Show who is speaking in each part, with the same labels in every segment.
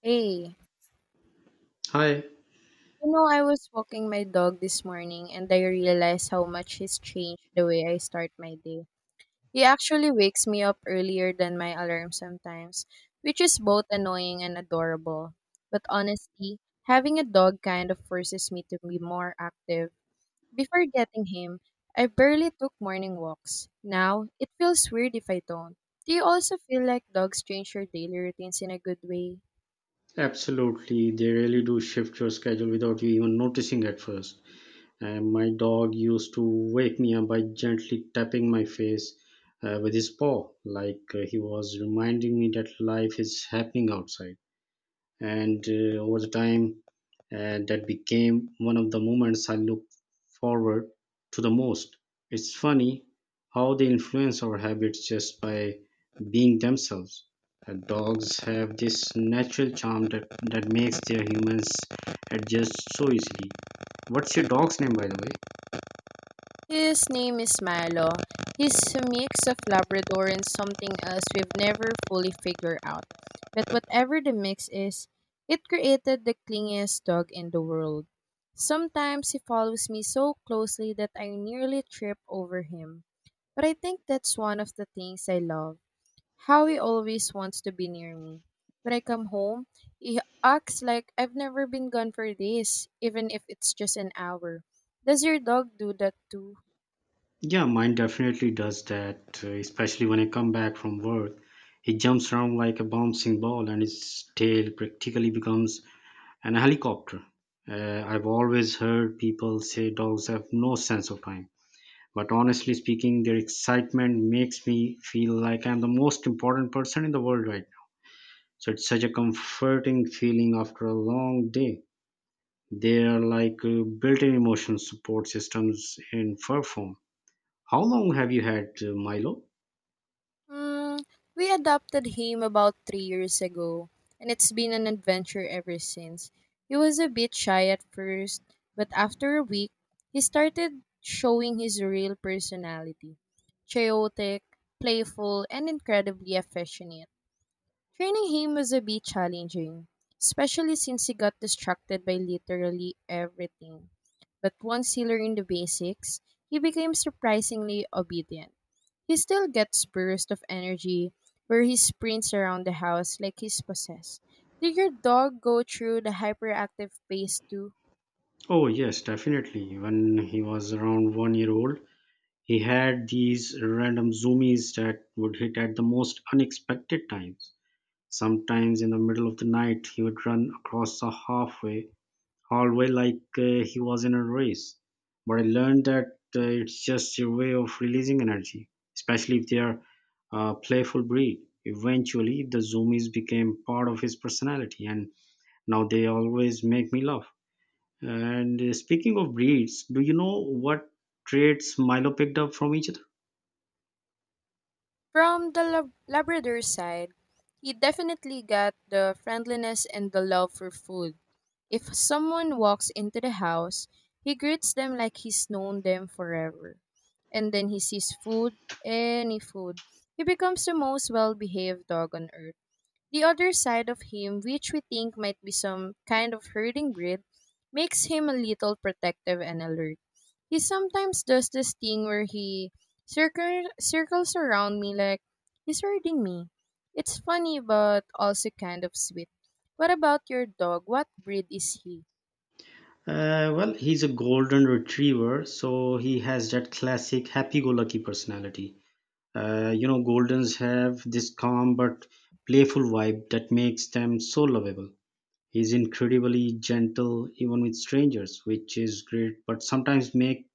Speaker 1: Hey, you
Speaker 2: Hi,
Speaker 1: know, I was walking my dog this morning and I realized how much he's changed the way I start my day. He actually wakes me up earlier than my alarm sometimes, which is both annoying and adorable. But honestly, having a dog kind of forces me to be more active. Before getting him, I barely took morning walks. Now, it feels weird if I don't. Do you also feel like dogs change your daily routines in a good way?
Speaker 2: absolutely. They really do shift your schedule without you even noticing at first. And my dog used to wake me up by gently tapping my face with his paw, like he was reminding me that life is happening outside. And Over the time, that became one of the moments I look forward to the most. It's funny how they influence our habits just by being themselves. Dogs have this natural charm that makes their humans adjust so easily. What's your dog's name, by the way?
Speaker 1: His name is Milo. He's a mix of Labrador and something else we've never fully figured out. But whatever the mix is, it created the clingiest dog in the world. Sometimes he follows me so closely that I nearly trip over him. But I think that's one of the things I love. How he always wants to be near me. When I come home, he acts like I've never been gone for days, even if it's just an hour. Does your dog do that too?
Speaker 2: Yeah, mine definitely does that, especially when I come back from work. He jumps around like a bouncing ball and his tail practically becomes and a helicopter. I've always heard people say dogs have no sense of time, but honestly speaking, their excitement makes me feel like I'm the most important person in the world right now. So it's such a comforting feeling after a long day. They are like built in emotional support systems in fur form. How long have you had Milo?
Speaker 1: Mm, we adopted him about 3 years ago, and it's been an adventure ever since. He was a bit shy at first, but after a week, he started showing his real personality chaotic, playful, and incredibly affectionate. Training him was a bit challenging, especially since he got distracted by literally everything. But once he learned the basics, he became surprisingly obedient. He still gets bursts of energy where he sprints around the house like he's possessed. Did your dog go through the hyperactive phase too?
Speaker 2: Oh, yes, definitely. When he was around 1 year old, he had these random zoomies that would hit at the most unexpected times. Sometimes in the middle of the night, he would run across the halfway hallway like he was in a race. But I learned that it's just a way of releasing energy, especially if they are a playful breed. Eventually, the zoomies became part of his personality, and now they always make me laugh. And Speaking of breeds, do you know what traits Milo picked up from each other?
Speaker 1: From the Labrador side, he definitely got the friendliness and the love for food. If someone walks into the house, he greets them like he's known them forever. And then he sees food, any food. He becomes the most well behaved dog on earth. The other side of him, which we think might be some kind of herding breed, makes him a little protective and alert. He sometimes does this thing where he circles around me like he's herding me. It's funny but also kind of sweet. What about your dog? What breed is he?
Speaker 2: Well, he's a golden retriever, so he has that classic happy-go-lucky personality. You know, goldens have this calm but playful vibe that makes them so lovable. He's incredibly gentle even with strangers, which is great, but sometimes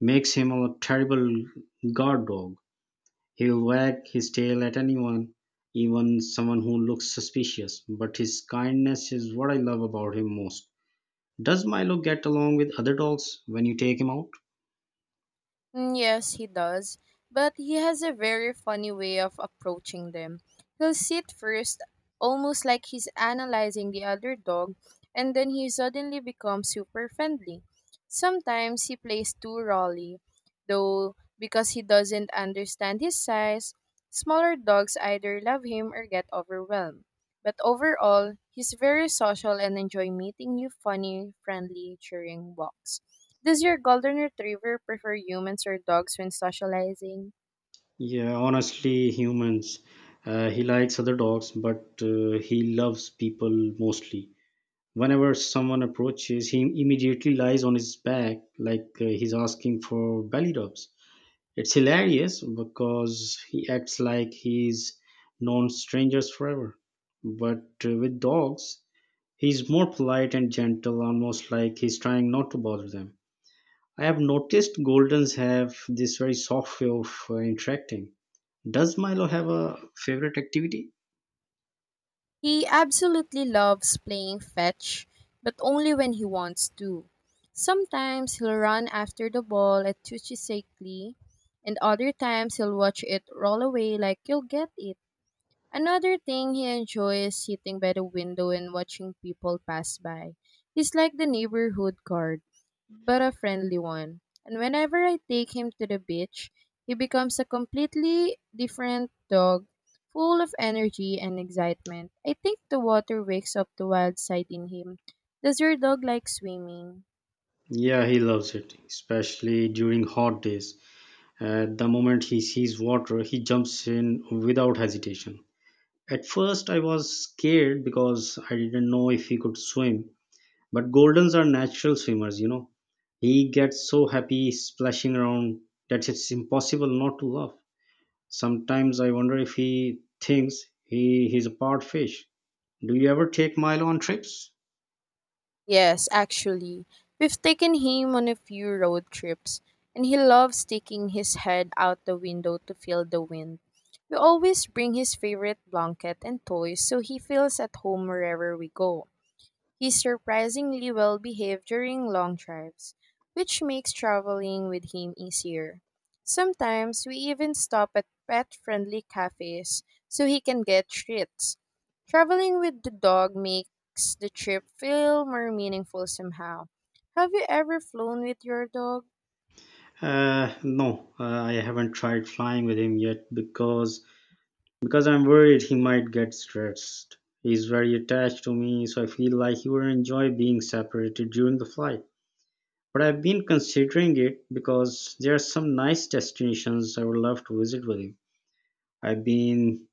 Speaker 2: makes him a terrible guard dog. He'll wag his tail at anyone, even someone who looks suspicious, but his kindness is what I love about him most. Does Milo get along with other dogs when you take him out?
Speaker 1: Mm, yes, he does. But he has a very funny way of approaching them. He'll sit first, almost like he's analyzing the other dog, and then he suddenly becomes super friendly. Sometimes he plays too rawly, though, because he doesn't understand his size. Smaller dogs either love him or get overwhelmed. But overall, he's very social and enjoy meeting new funny, friendly, cheering walks. Does your golden retriever prefer humans or dogs when socializing?
Speaker 2: Yeah, honestly, humans. He likes other dogs, but he loves people mostly. Whenever someone approaches, he immediately lies on his back like he's asking for belly rubs. It's hilarious because he acts like he's known strangers forever. But with dogs, he's more polite and gentle, almost like he's trying not to bother them. I have noticed Goldens have this very soft way of interacting. Does Milo have a favorite activity?
Speaker 1: He absolutely loves playing fetch, but only when he wants to. Sometimes he'll run after the ball at Tuchisecli, and other times he'll watch it roll away like you'll get it. Another thing he enjoys is sitting by the window and watching people pass by. He's like the neighborhood guard, but a friendly one. And whenever I take him to the beach, he becomes a completely different dog, full of energy and excitement. I think the water wakes up the wild side in him. Does your dog like swimming?
Speaker 2: Yeah, he loves it, especially during hot days. At the moment he sees water, he jumps in without hesitation. At first, I was scared because I didn't know if he could swim, but Goldens are natural swimmers, you know. He gets so happy splashing around that it's impossible not to laugh. Sometimes I wonder if he thinks he's a part fish. Do you ever take Milo on trips?
Speaker 1: Yes, actually. We've taken him on a few road trips, and he loves sticking his head out the window to feel the wind. We always bring his favorite blanket and toys so he feels at home wherever we go. He's surprisingly well behaved during long drives, which makes traveling with him easier. Sometimes we even stop at pet friendly cafes so he can get treats. Traveling with the dog makes the trip feel more meaningful somehow. Have you ever flown with your dog?
Speaker 2: No, I haven't tried flying with him yet because I'm worried he might get stressed. He's very attached to me, so I feel like he would enjoy being separated during the flight. But I've been considering it because there are some nice destinations I would love to visit with him. I've been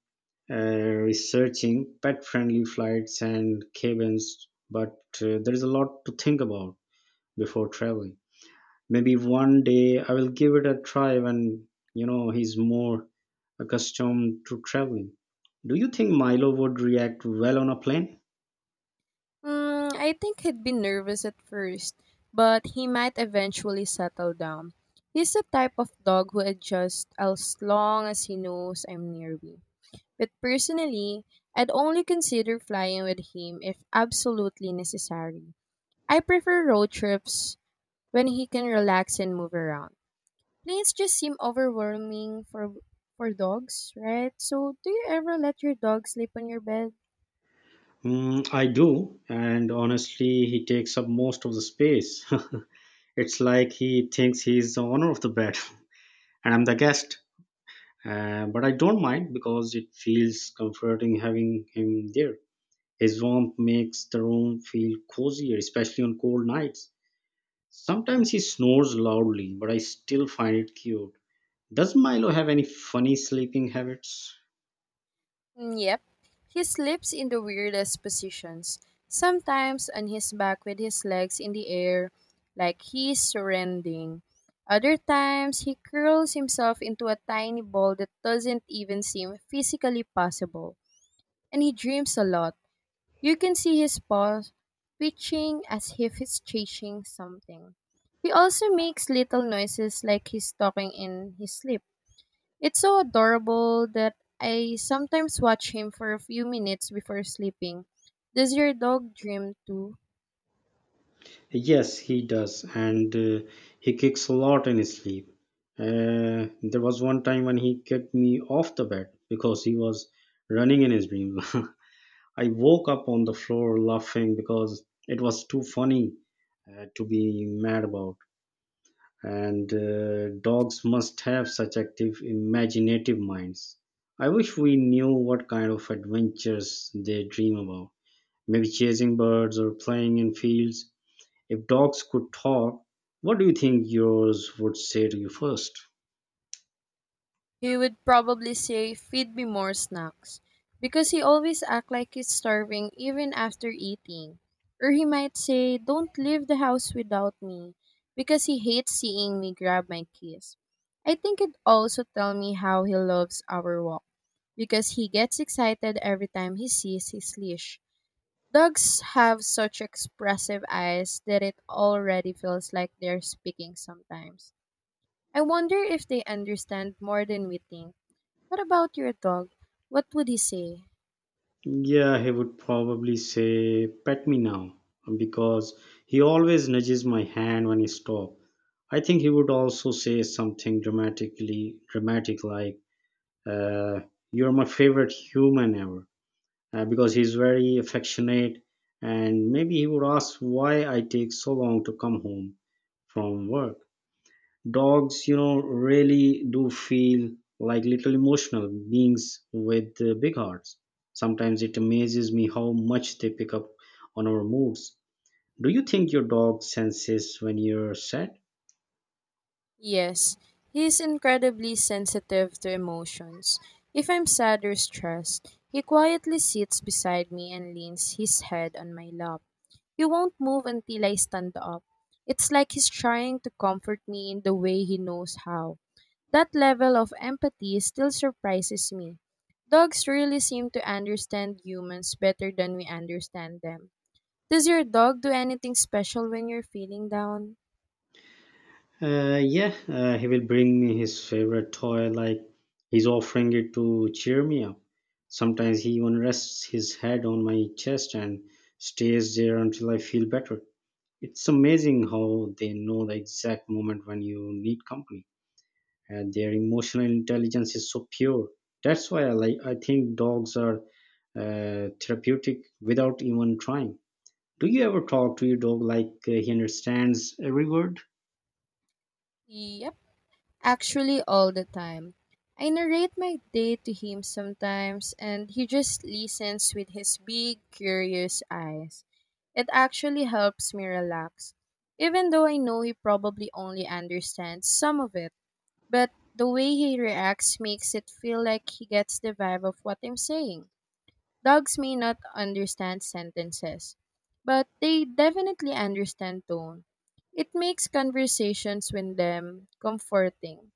Speaker 2: researching pet-friendly flights and cabins, but there is a lot to think about before traveling. Maybe one day I will give it a try when, you know, he's more accustomed to traveling. Do you think Milo would react well on a plane?
Speaker 1: Mm, I think he'd be nervous at first, but he might eventually settle down. He's the type of dog who adjusts as long as he knows I'm near me. But personally, I'd only consider flying with him if absolutely necessary. I prefer road trips when he can relax and move around. Planes just seem overwhelming for dogs, right? So, do you ever let your dog sleep on your bed?
Speaker 2: Mm, I do, and honestly, he takes up most of the space. It's like he thinks he's the owner of the bed, and I'm the guest. But I don't mind because it feels comforting having him there. His warmth makes the room feel cozier, especially on cold nights. Sometimes he snores loudly, but I still find it cute. Does Milo have any funny sleeping habits?
Speaker 1: Mm, yep, he sleeps in the weirdest positions, sometimes on his back with his legs in the air, like he's surrendering. Other times, he curls himself into a tiny ball that doesn't even seem physically possible. And he dreams a lot. You can see his paws twitching as if he's chasing something. He also makes little noises like he's talking in his sleep. It's so adorable that I sometimes watch him for a few minutes before sleeping. Does your dog dream too?
Speaker 2: Yes, he does, and he kicks a lot in his sleep. There was one time when he kicked me off the bed because he was running in his dream. I woke up on the floor laughing because it was too funny to be mad about. And Dogs must have such active, imaginative minds. I wish we knew what kind of adventures they dream about. Maybe chasing birds or playing in fields. If dogs could talk, what do you think yours would say to you first?
Speaker 1: He would probably say, "Feed me more snacks," because he always acts like he's starving even after eating. Or he might say, "Don't leave the house without me," because he hates seeing me grab my keys. I think it also tells me how he loves our walk, because he gets excited every time he sees his leash. Dogs have such expressive eyes that it already feels like they're speaking sometimes. I wonder if they understand more than we think. What about your dog? What would he say?
Speaker 2: Yeah, he would probably say, Pet me now, because he always nudges my hand when I stop. I think he would also say something dramatically dramatic like, uh, You're my favorite human ever, because he's very affectionate. And maybe he would ask why I take so long to come home from work. Dogs, you know, really do feel like little emotional beings with big hearts. Sometimes it amazes me how much they pick up on our moods. Do you think your dog senses when you're sad?
Speaker 1: Yes, he's incredibly sensitive to emotions. If I'm sad or stressed, he quietly sits beside me and leans his head on my lap. He won't move until I stand up. It's like he's trying to comfort me in the way he knows how. That level of empathy still surprises me. Dogs really seem to understand humans better than we understand them. Does your dog do anything special when you're feeling down?
Speaker 2: Yeah, he will bring me his favorite toy, like he's offering it to cheer me up. Sometimes he even rests his head on my chest and stays there until I feel better. It's amazing how they know the exact moment when you need company. And their emotional intelligence is so pure. That's why I think dogs are therapeutic without even trying. Do you ever talk to your dog like he understands every word?
Speaker 1: Yep. Actually, all the time. I narrate my day to him sometimes, and he just listens with his big, curious eyes. It actually helps me relax, even though I know he probably only understands some of it. But the way he reacts makes it feel like he gets the vibe of what I'm saying. Dogs may not understand sentences, but they definitely understand tone. It makes conversations with them comforting.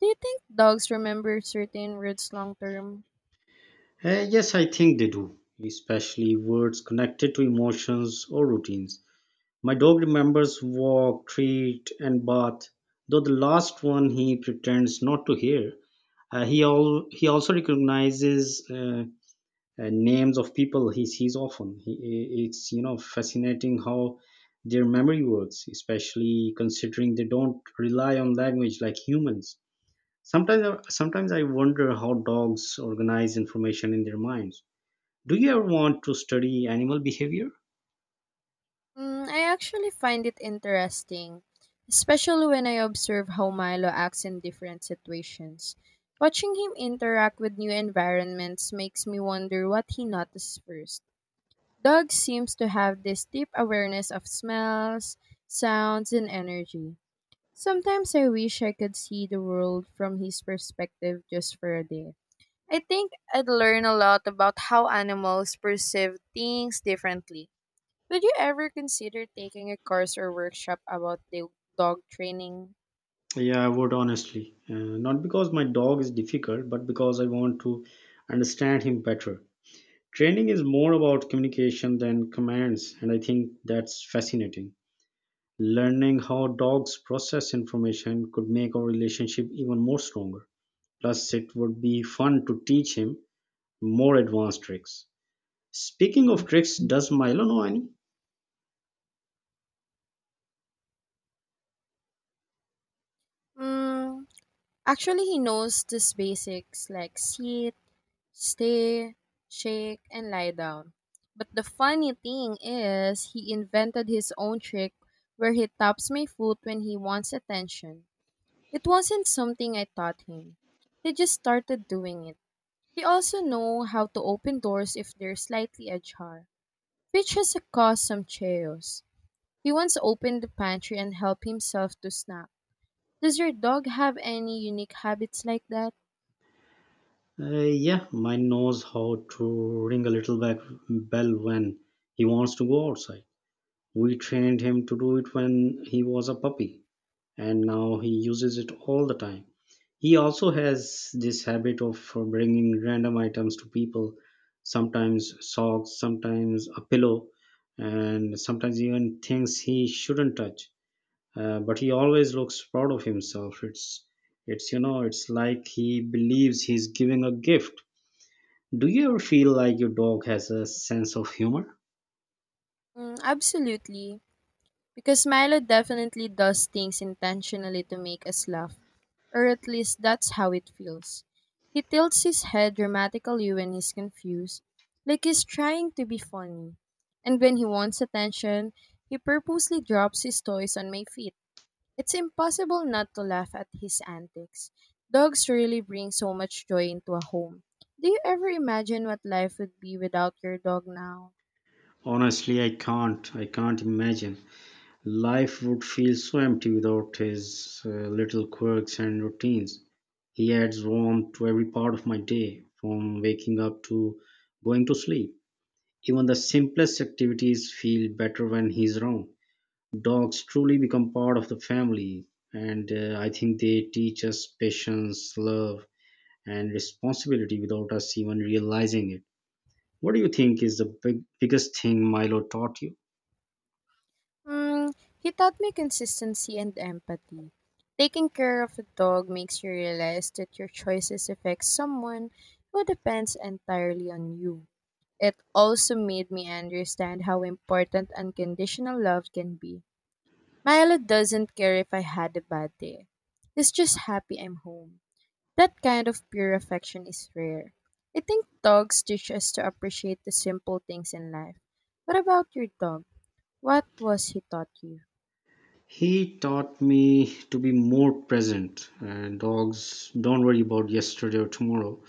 Speaker 1: Do you think dogs remember certain words long term?
Speaker 2: Yes, I think they do, especially words connected to emotions or routines. My dog remembers walk, treat, and bath, though the last one he pretends not to hear. He also recognizes uh, and names of people he sees often. He, it's, you know, fascinating how their memory works, especially considering they don't rely on language like humans. Sometimes I wonder how dogs organize information in their minds. Do you ever want to study animal behavior?
Speaker 1: Mm, I actually find it interesting, especially when I observe how Milo acts in different situations. Watching him interact with new environments makes me wonder what he notices first. Dogs seems to have this deep awareness of smells, sounds, and energy. Sometimes I wish I could see the world from his perspective just for a day. I think I'd learn a lot about how animals perceive things differently. Would you ever consider taking a course or workshop about the dog training?
Speaker 2: Yeah, I would honestly. Not because my dog is difficult, but because I want to understand him better. Training is more about communication than commands, and I think that's fascinating. Learning how dogs process information could make our relationship even more stronger. Plus, it would be fun to teach him more advanced tricks. Speaking of tricks, does Milo know any?
Speaker 1: Mm, actually, he knows these basics like sit, stay, shake, and lie down. But the funny thing is, he invented his own trick where he taps my foot when he wants attention. It wasn't something I taught him. He just started doing it. He also know how to open doors if they're slightly ajar, which has caused some chaos. He once opened the pantry and helped himself to snack. Does your dog have any unique habits like that?
Speaker 2: Yeah, mine knows how to ring a little back bell when he wants to go outside. We trained him to do it when he was a puppy, and now he uses it all the time. He also has this habit of bringing random items to people, sometimes socks, sometimes a pillow, and sometimes even things he shouldn't touch. But he always looks proud of himself. It's, you know, it's like he believes he's giving a gift. Do you ever feel like your dog has a sense of humor?
Speaker 1: Mm, absolutely. Because Milo definitely does things intentionally to make us laugh, or at least that's how it feels. He tilts his head dramatically when he's confused, like he's trying to be funny. And when he wants attention, he purposely drops his toys on my feet. It's impossible not to laugh at his antics. Dogs really bring so much joy into a home. Do you ever imagine what life would be without your dog now?
Speaker 2: Honestly, I can't imagine. Life would feel so empty without his little quirks and routines. He adds warmth to every part of my day, from waking up to going to sleep. Even the simplest activities feel better when he's around. Dogs truly become part of the family, and I think they teach us patience, love, and responsibility without us even realizing it. What do you think is the biggest thing Milo taught you?
Speaker 1: Mm, he taught me consistency and empathy. Taking care of a dog makes you realize that your choices affect someone who depends entirely on you. It also made me understand how important unconditional love can be. Milo doesn't care if I had a bad day. He's just happy I'm home. That kind of pure affection is rare. I think dogs teach us to appreciate the simple things in life. What about your dog? What was he taught you?
Speaker 2: He taught me to be more present. Dogs don't worry about yesterday or tomorrow.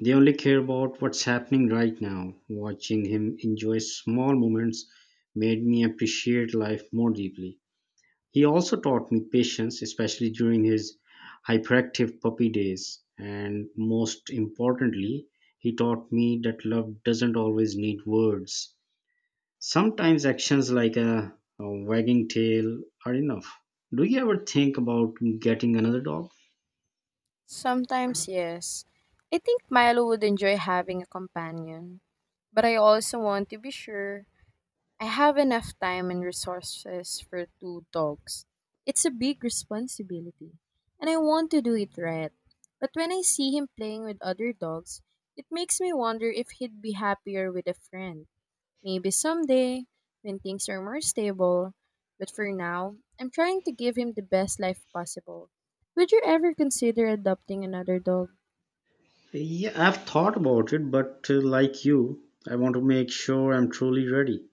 Speaker 2: They only care about what's happening right now. Watching him enjoy small moments made me appreciate life more deeply. He also taught me patience, especially during his hyperactive puppy days. And most importantly, he taught me that love doesn't always need words. Sometimes actions like a wagging tail are enough. Do you ever think about getting another dog?
Speaker 1: Sometimes, yes. I think Milo would enjoy having a companion, but I also want to be sure I have enough time and resources for two dogs. It's a big responsibility, and I want to do it right. But when I see him playing with other dogs, it makes me wonder if he'd be happier with a friend. Maybe someday, when things are more stable. But for now, I'm trying to give him the best life possible. Would you ever consider adopting another dog?
Speaker 2: Yeah, I've thought about it, but like you, I want to make sure I'm truly ready.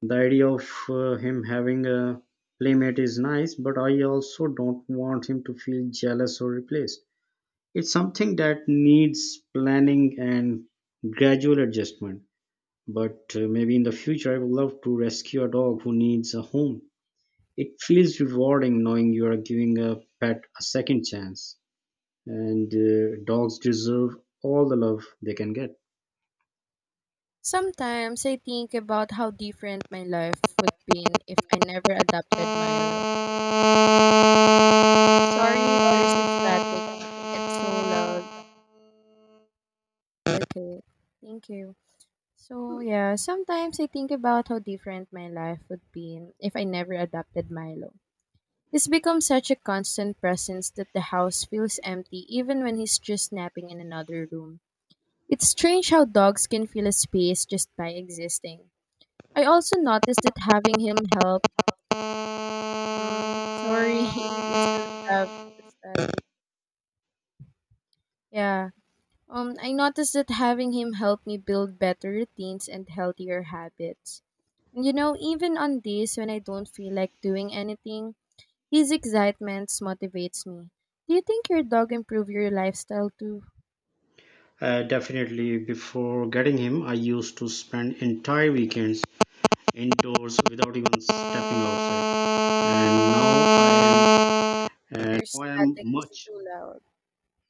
Speaker 2: The idea of him having a playmate is nice, but I also don't want him to feel jealous or replaced. It's something that needs planning and gradual adjustment. But maybe in the future, I would love to rescue a dog who needs a home. It feels rewarding knowing you are giving a pet a second chance, and dogs deserve all the love they can get.
Speaker 1: Sometimes I think about how different my life would been if I never adopted Milo. Sorry, there's a static. It's so loud. Okay, thank you. So yeah, sometimes I think about how different my life would be if I never adopted Milo. He's become such a constant presence that the house feels empty even when he's just napping in another room. It's strange how dogs can fill a space just by existing. I also noticed that having him help. Mm, sorry, you still have the static. Yeah. I noticed that having him help me build better routines and healthier habits. And even on days when I don't feel like doing anything, his excitement motivates me. Do you think your dog improved your lifestyle too?
Speaker 2: Definitely, before getting him, I used to spend entire weekends indoors without even stepping outside, and now I am, and
Speaker 1: Your
Speaker 2: now I am
Speaker 1: static is
Speaker 2: much
Speaker 1: too loud.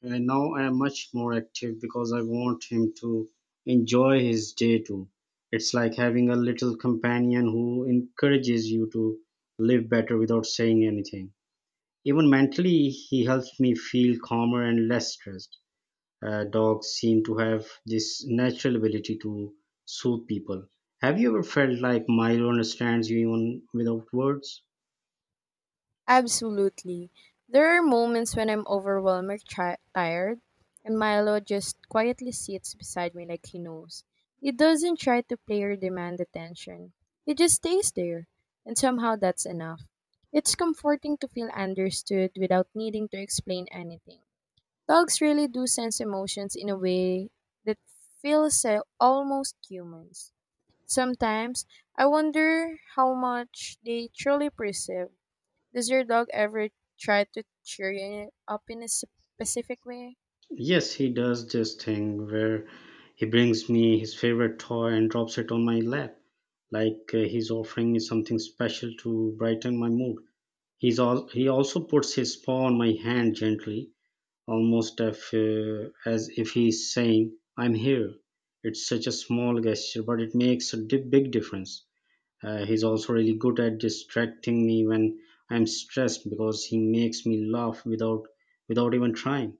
Speaker 2: and now I am much more active because I want him to enjoy his day too. It's like having a little companion who encourages you to live better without saying anything. Even mentally, he helps me feel calmer and less stressed. Dogs seem to have this natural ability to soothe people. Have you ever felt like Milo understands you even without words?
Speaker 1: Absolutely. There are moments when I'm overwhelmed or tired, and Milo just quietly sits beside me like he knows. He doesn't try to play or demand attention. He just stays there, and somehow that's enough. It's comforting to feel understood without needing to explain anything. Dogs really do sense emotions in a way that feels almost humans. Sometimes I wonder how much they truly perceive. Does your dog ever try to cheer you up in a specific way?
Speaker 2: Yes, he does this thing where he brings me his favorite toy and drops it on my lap, like he's offering me something special to brighten my mood. He also puts his paw on my hand gently, almost if, as if he's saying, I'm here. It's such a small gesture, but it makes a big difference. He's also really good at distracting me when I'm stressed because he makes me laugh without even trying.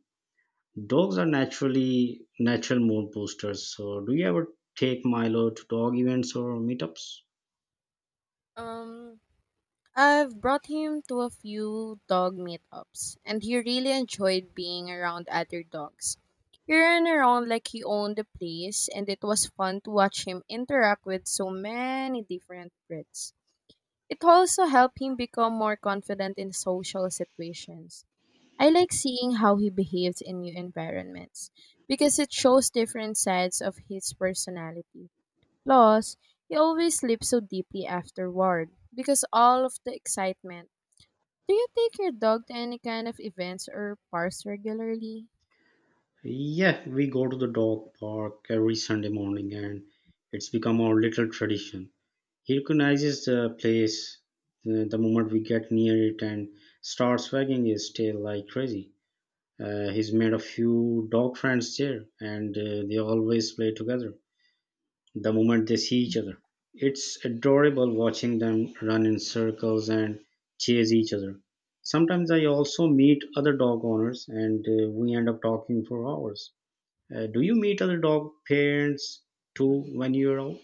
Speaker 2: Dogs are natural mood boosters. So, do you ever take Milo to dog events or meetups?
Speaker 1: Um, I've brought him to a few dog meetups, and he really enjoyed being around other dogs. He ran around like he owned the place, and it was fun to watch him interact with so many different breeds. It also helped him become more confident in social situations. I like seeing how he behaves in new environments because it shows different sides of his personality. Plus, he always sleeps so deeply afterward because all of the excitement. Do you take your dog to any kind of events or parks regularly?
Speaker 2: Yeah, we go to the dog park every Sunday morning, and it's become our little tradition. He recognizes the place the moment we get near it and starts wagging his tail like crazy. He's made a few dog friends there, and they always play together the moment they see each other. It's adorable watching them run in circles and chase each other. Sometimes I also meet other dog owners and we end up talking for hours. Do you meet other dog parents too when you're out?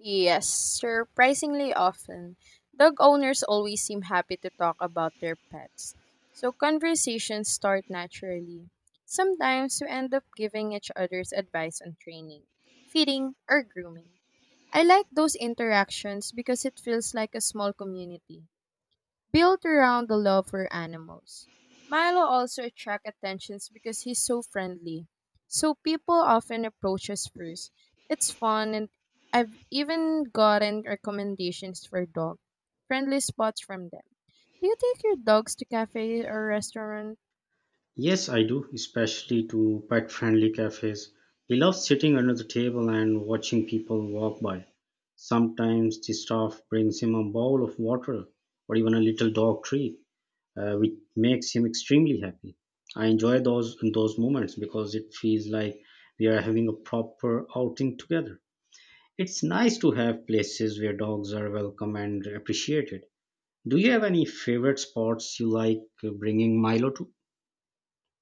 Speaker 1: Yes, surprisingly often. Dog owners always seem happy to talk about their pets, so conversations start naturally. Sometimes we end up giving each other's advice on training, feeding, or grooming. I like those interactions because it feels like a small community built around the love for animals. Milo also attracts attentions because he's so friendly, so people often approach us first. It's fun, and I've even gotten recommendations for dog friendly spots from them. Do you take your dogs to cafes or restaurants?
Speaker 2: Yes, I do, especially to pet friendly cafes. We love sitting under the table and watching people walk by. Sometimes the staff brings him a bowl of water or even a little dog treat, which makes him extremely happy. I enjoy those moments because it feels like we are having a proper outing together. It's nice to have places where dogs are welcome and appreciated. Do you have any favorite spots you like bringing Milo to?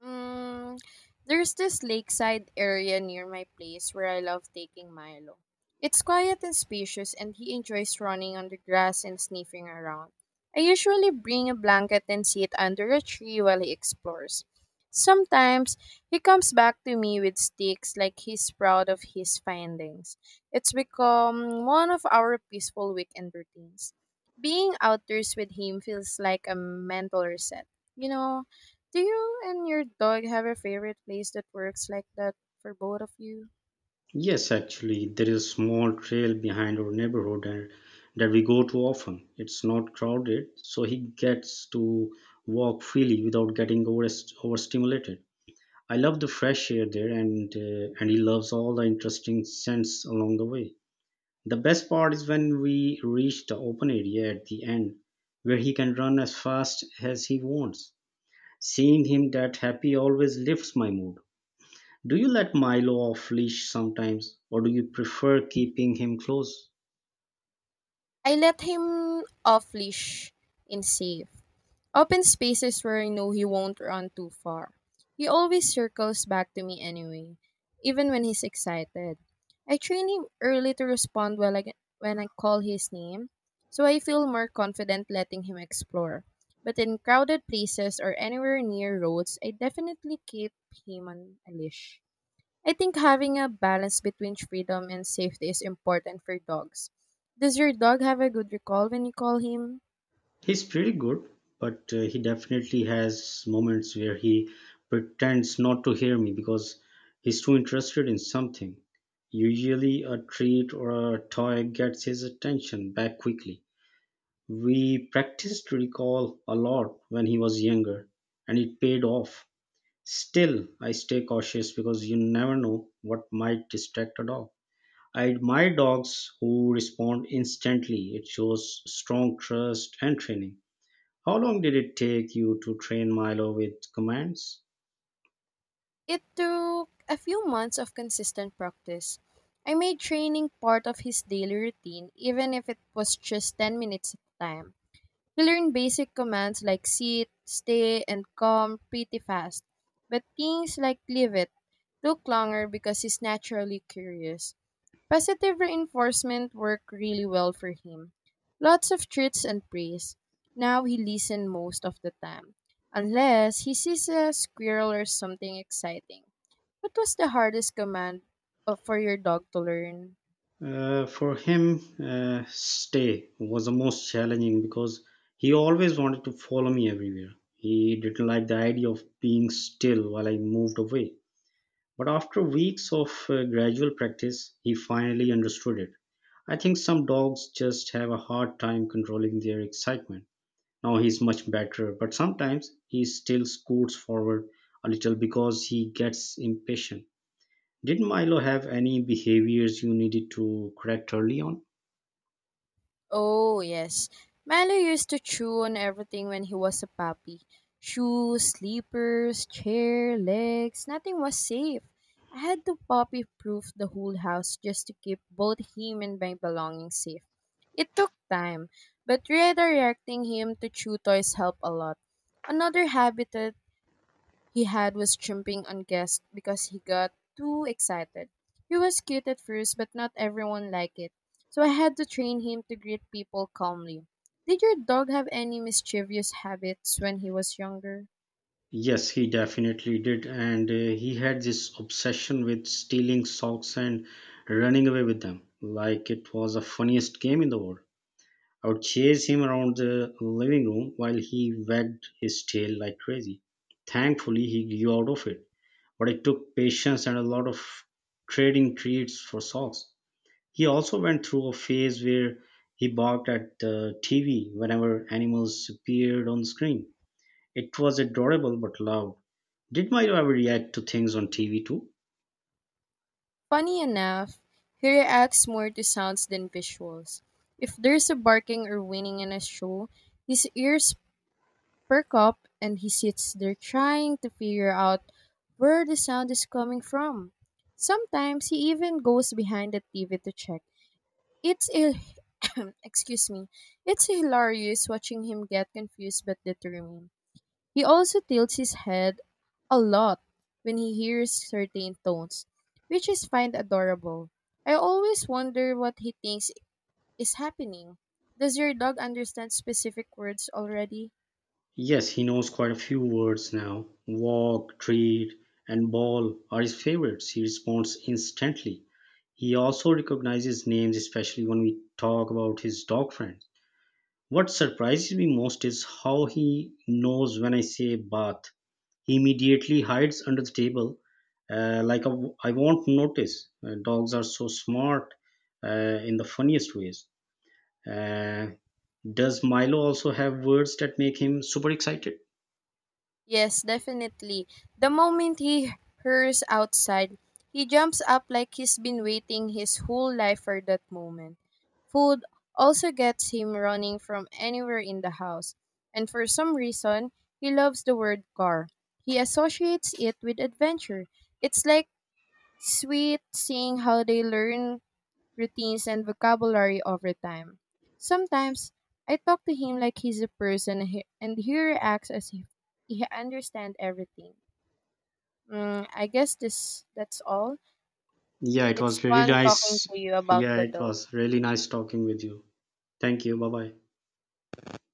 Speaker 1: Mm, there's this lakeside area near my place where I love taking Milo. It's quiet and spacious, and he enjoys running on the grass and sniffing around. I usually bring a blanket and sit under a tree while he explores. Sometimes he comes back to me with sticks like he's proud of his findings. It's become one of our peaceful weekend routines. Being outdoors with him feels like a mental reset. You know, do you and your dog have a favorite place that works like that for both of you?
Speaker 2: Yes, actually, there is a small trail behind our neighborhood and that we go to often. It's not crowded, so he gets to walk freely without getting overstimulated. I love the fresh air there, and he loves all the interesting scents along the way. The best part is when we reach the open area at the end, where he can run as fast as he wants. Seeing him that happy always lifts my mood. Do you let Milo off leash sometimes, or do you prefer keeping him close?
Speaker 1: I let him off leash in safe, open spaces where I know he won't run too far. He always circles back to me anyway, even when he's excited. I train him early to respond when I call his name, so I feel more confident letting him explore. But in crowded places or anywhere near roads, I definitely keep him on a leash. I think having a balance between freedom and safety is important for dogs. Does your dog have a good recall when you call him?
Speaker 2: He's pretty good, but he definitely has moments where he pretends not to hear me because he's too interested in something. Usually, a treat or a toy gets his attention back quickly. We practiced recall a lot when he was younger, and it paid off. Still, I stay cautious because you never know what might distract a dog. I admire dogs who respond instantly. It shows strong trust and training. How long did it take you to train Milo with commands?
Speaker 1: It took a few months of consistent practice. I made training part of his daily routine, even if it was just 10 minutes at a time. We learn basic commands like sit, stay, and come pretty fast, but things like leave it took longer because he's naturally curious. Positive reinforcement worked really well for him. Lots of treats and praise. Now he listens most of the time, unless he sees a squirrel or something exciting. What was the hardest command for your dog to learn?
Speaker 2: For him, stay was the most challenging because he always wanted to follow me everywhere. He didn't like the idea of being still while I moved away. But after weeks of gradual practice, he finally understood it. I think some dogs just have a hard time controlling their excitement. Now he's much better, but sometimes he still scoots forward a little because he gets impatient. Did Milo have any behaviors you needed to correct early on?
Speaker 1: Oh, yes. Milo used to chew on everything when he was a puppy. Shoes, slippers, chair, legs, nothing was safe. I had to puppy proof the whole house just to keep both him and my belongings safe. It took time, but redirecting him to chew toys helped a lot. Another habit he had was jumping on guests because he got too excited. He was cute at first, but not everyone liked it, so I had to train him to greet people calmly. Did your dog have any mischievous habits when he was younger?
Speaker 2: Yes, he definitely did. And he had this obsession with stealing socks and running away with them, like it was the funniest game in the world. I would chase him around the living room while he wagged his tail like crazy. Thankfully, he grew out of it, but it took patience and a lot of trading treats for socks. He also went through a phase where he barked at the TV whenever animals appeared on screen. It was adorable but loud. Did Milo ever react to things on TV too?
Speaker 1: Funny enough, he reacts more to sounds than visuals. If there's a barking or whining in a show, his ears perk up and he sits there trying to figure out where the sound is coming from. Sometimes he even goes behind the TV to check. It's a excuse me. It's hilarious watching him get confused but determined. He also tilts his head a lot when he hears certain tones, which is find adorable. I always wonder what he thinks is happening. Does your dog understand specific words already?
Speaker 2: Yes, he knows quite a few words now. Walk, treat, and ball are his favorites. He responds instantly. He also recognizes names, especially when we talk about his dog friends. What surprises me most is how he knows when I say bath. He immediately hides under the table, like I won't notice. Dogs are so smart, in the funniest ways. Uh, does Milo also have words that make him super excited?
Speaker 1: Yes, definitely. The moment he hears outside, he jumps up like he's been waiting his whole life for that moment. Food also gets him running from anywhere in the house. And for some reason, he loves the word car. He associates it with adventure. It's like sweet seeing how they learn routines, and vocabulary over time. Sometimes I talk to him like he's a person, and he reacts as if he understands everything. Mm, I guess this that's all.
Speaker 2: Yeah, it
Speaker 1: It's
Speaker 2: was really
Speaker 1: fun talking
Speaker 2: nice.
Speaker 1: to you about
Speaker 2: Yeah,
Speaker 1: the
Speaker 2: it
Speaker 1: dog.
Speaker 2: was really nice talking with you. Thank you. Bye bye.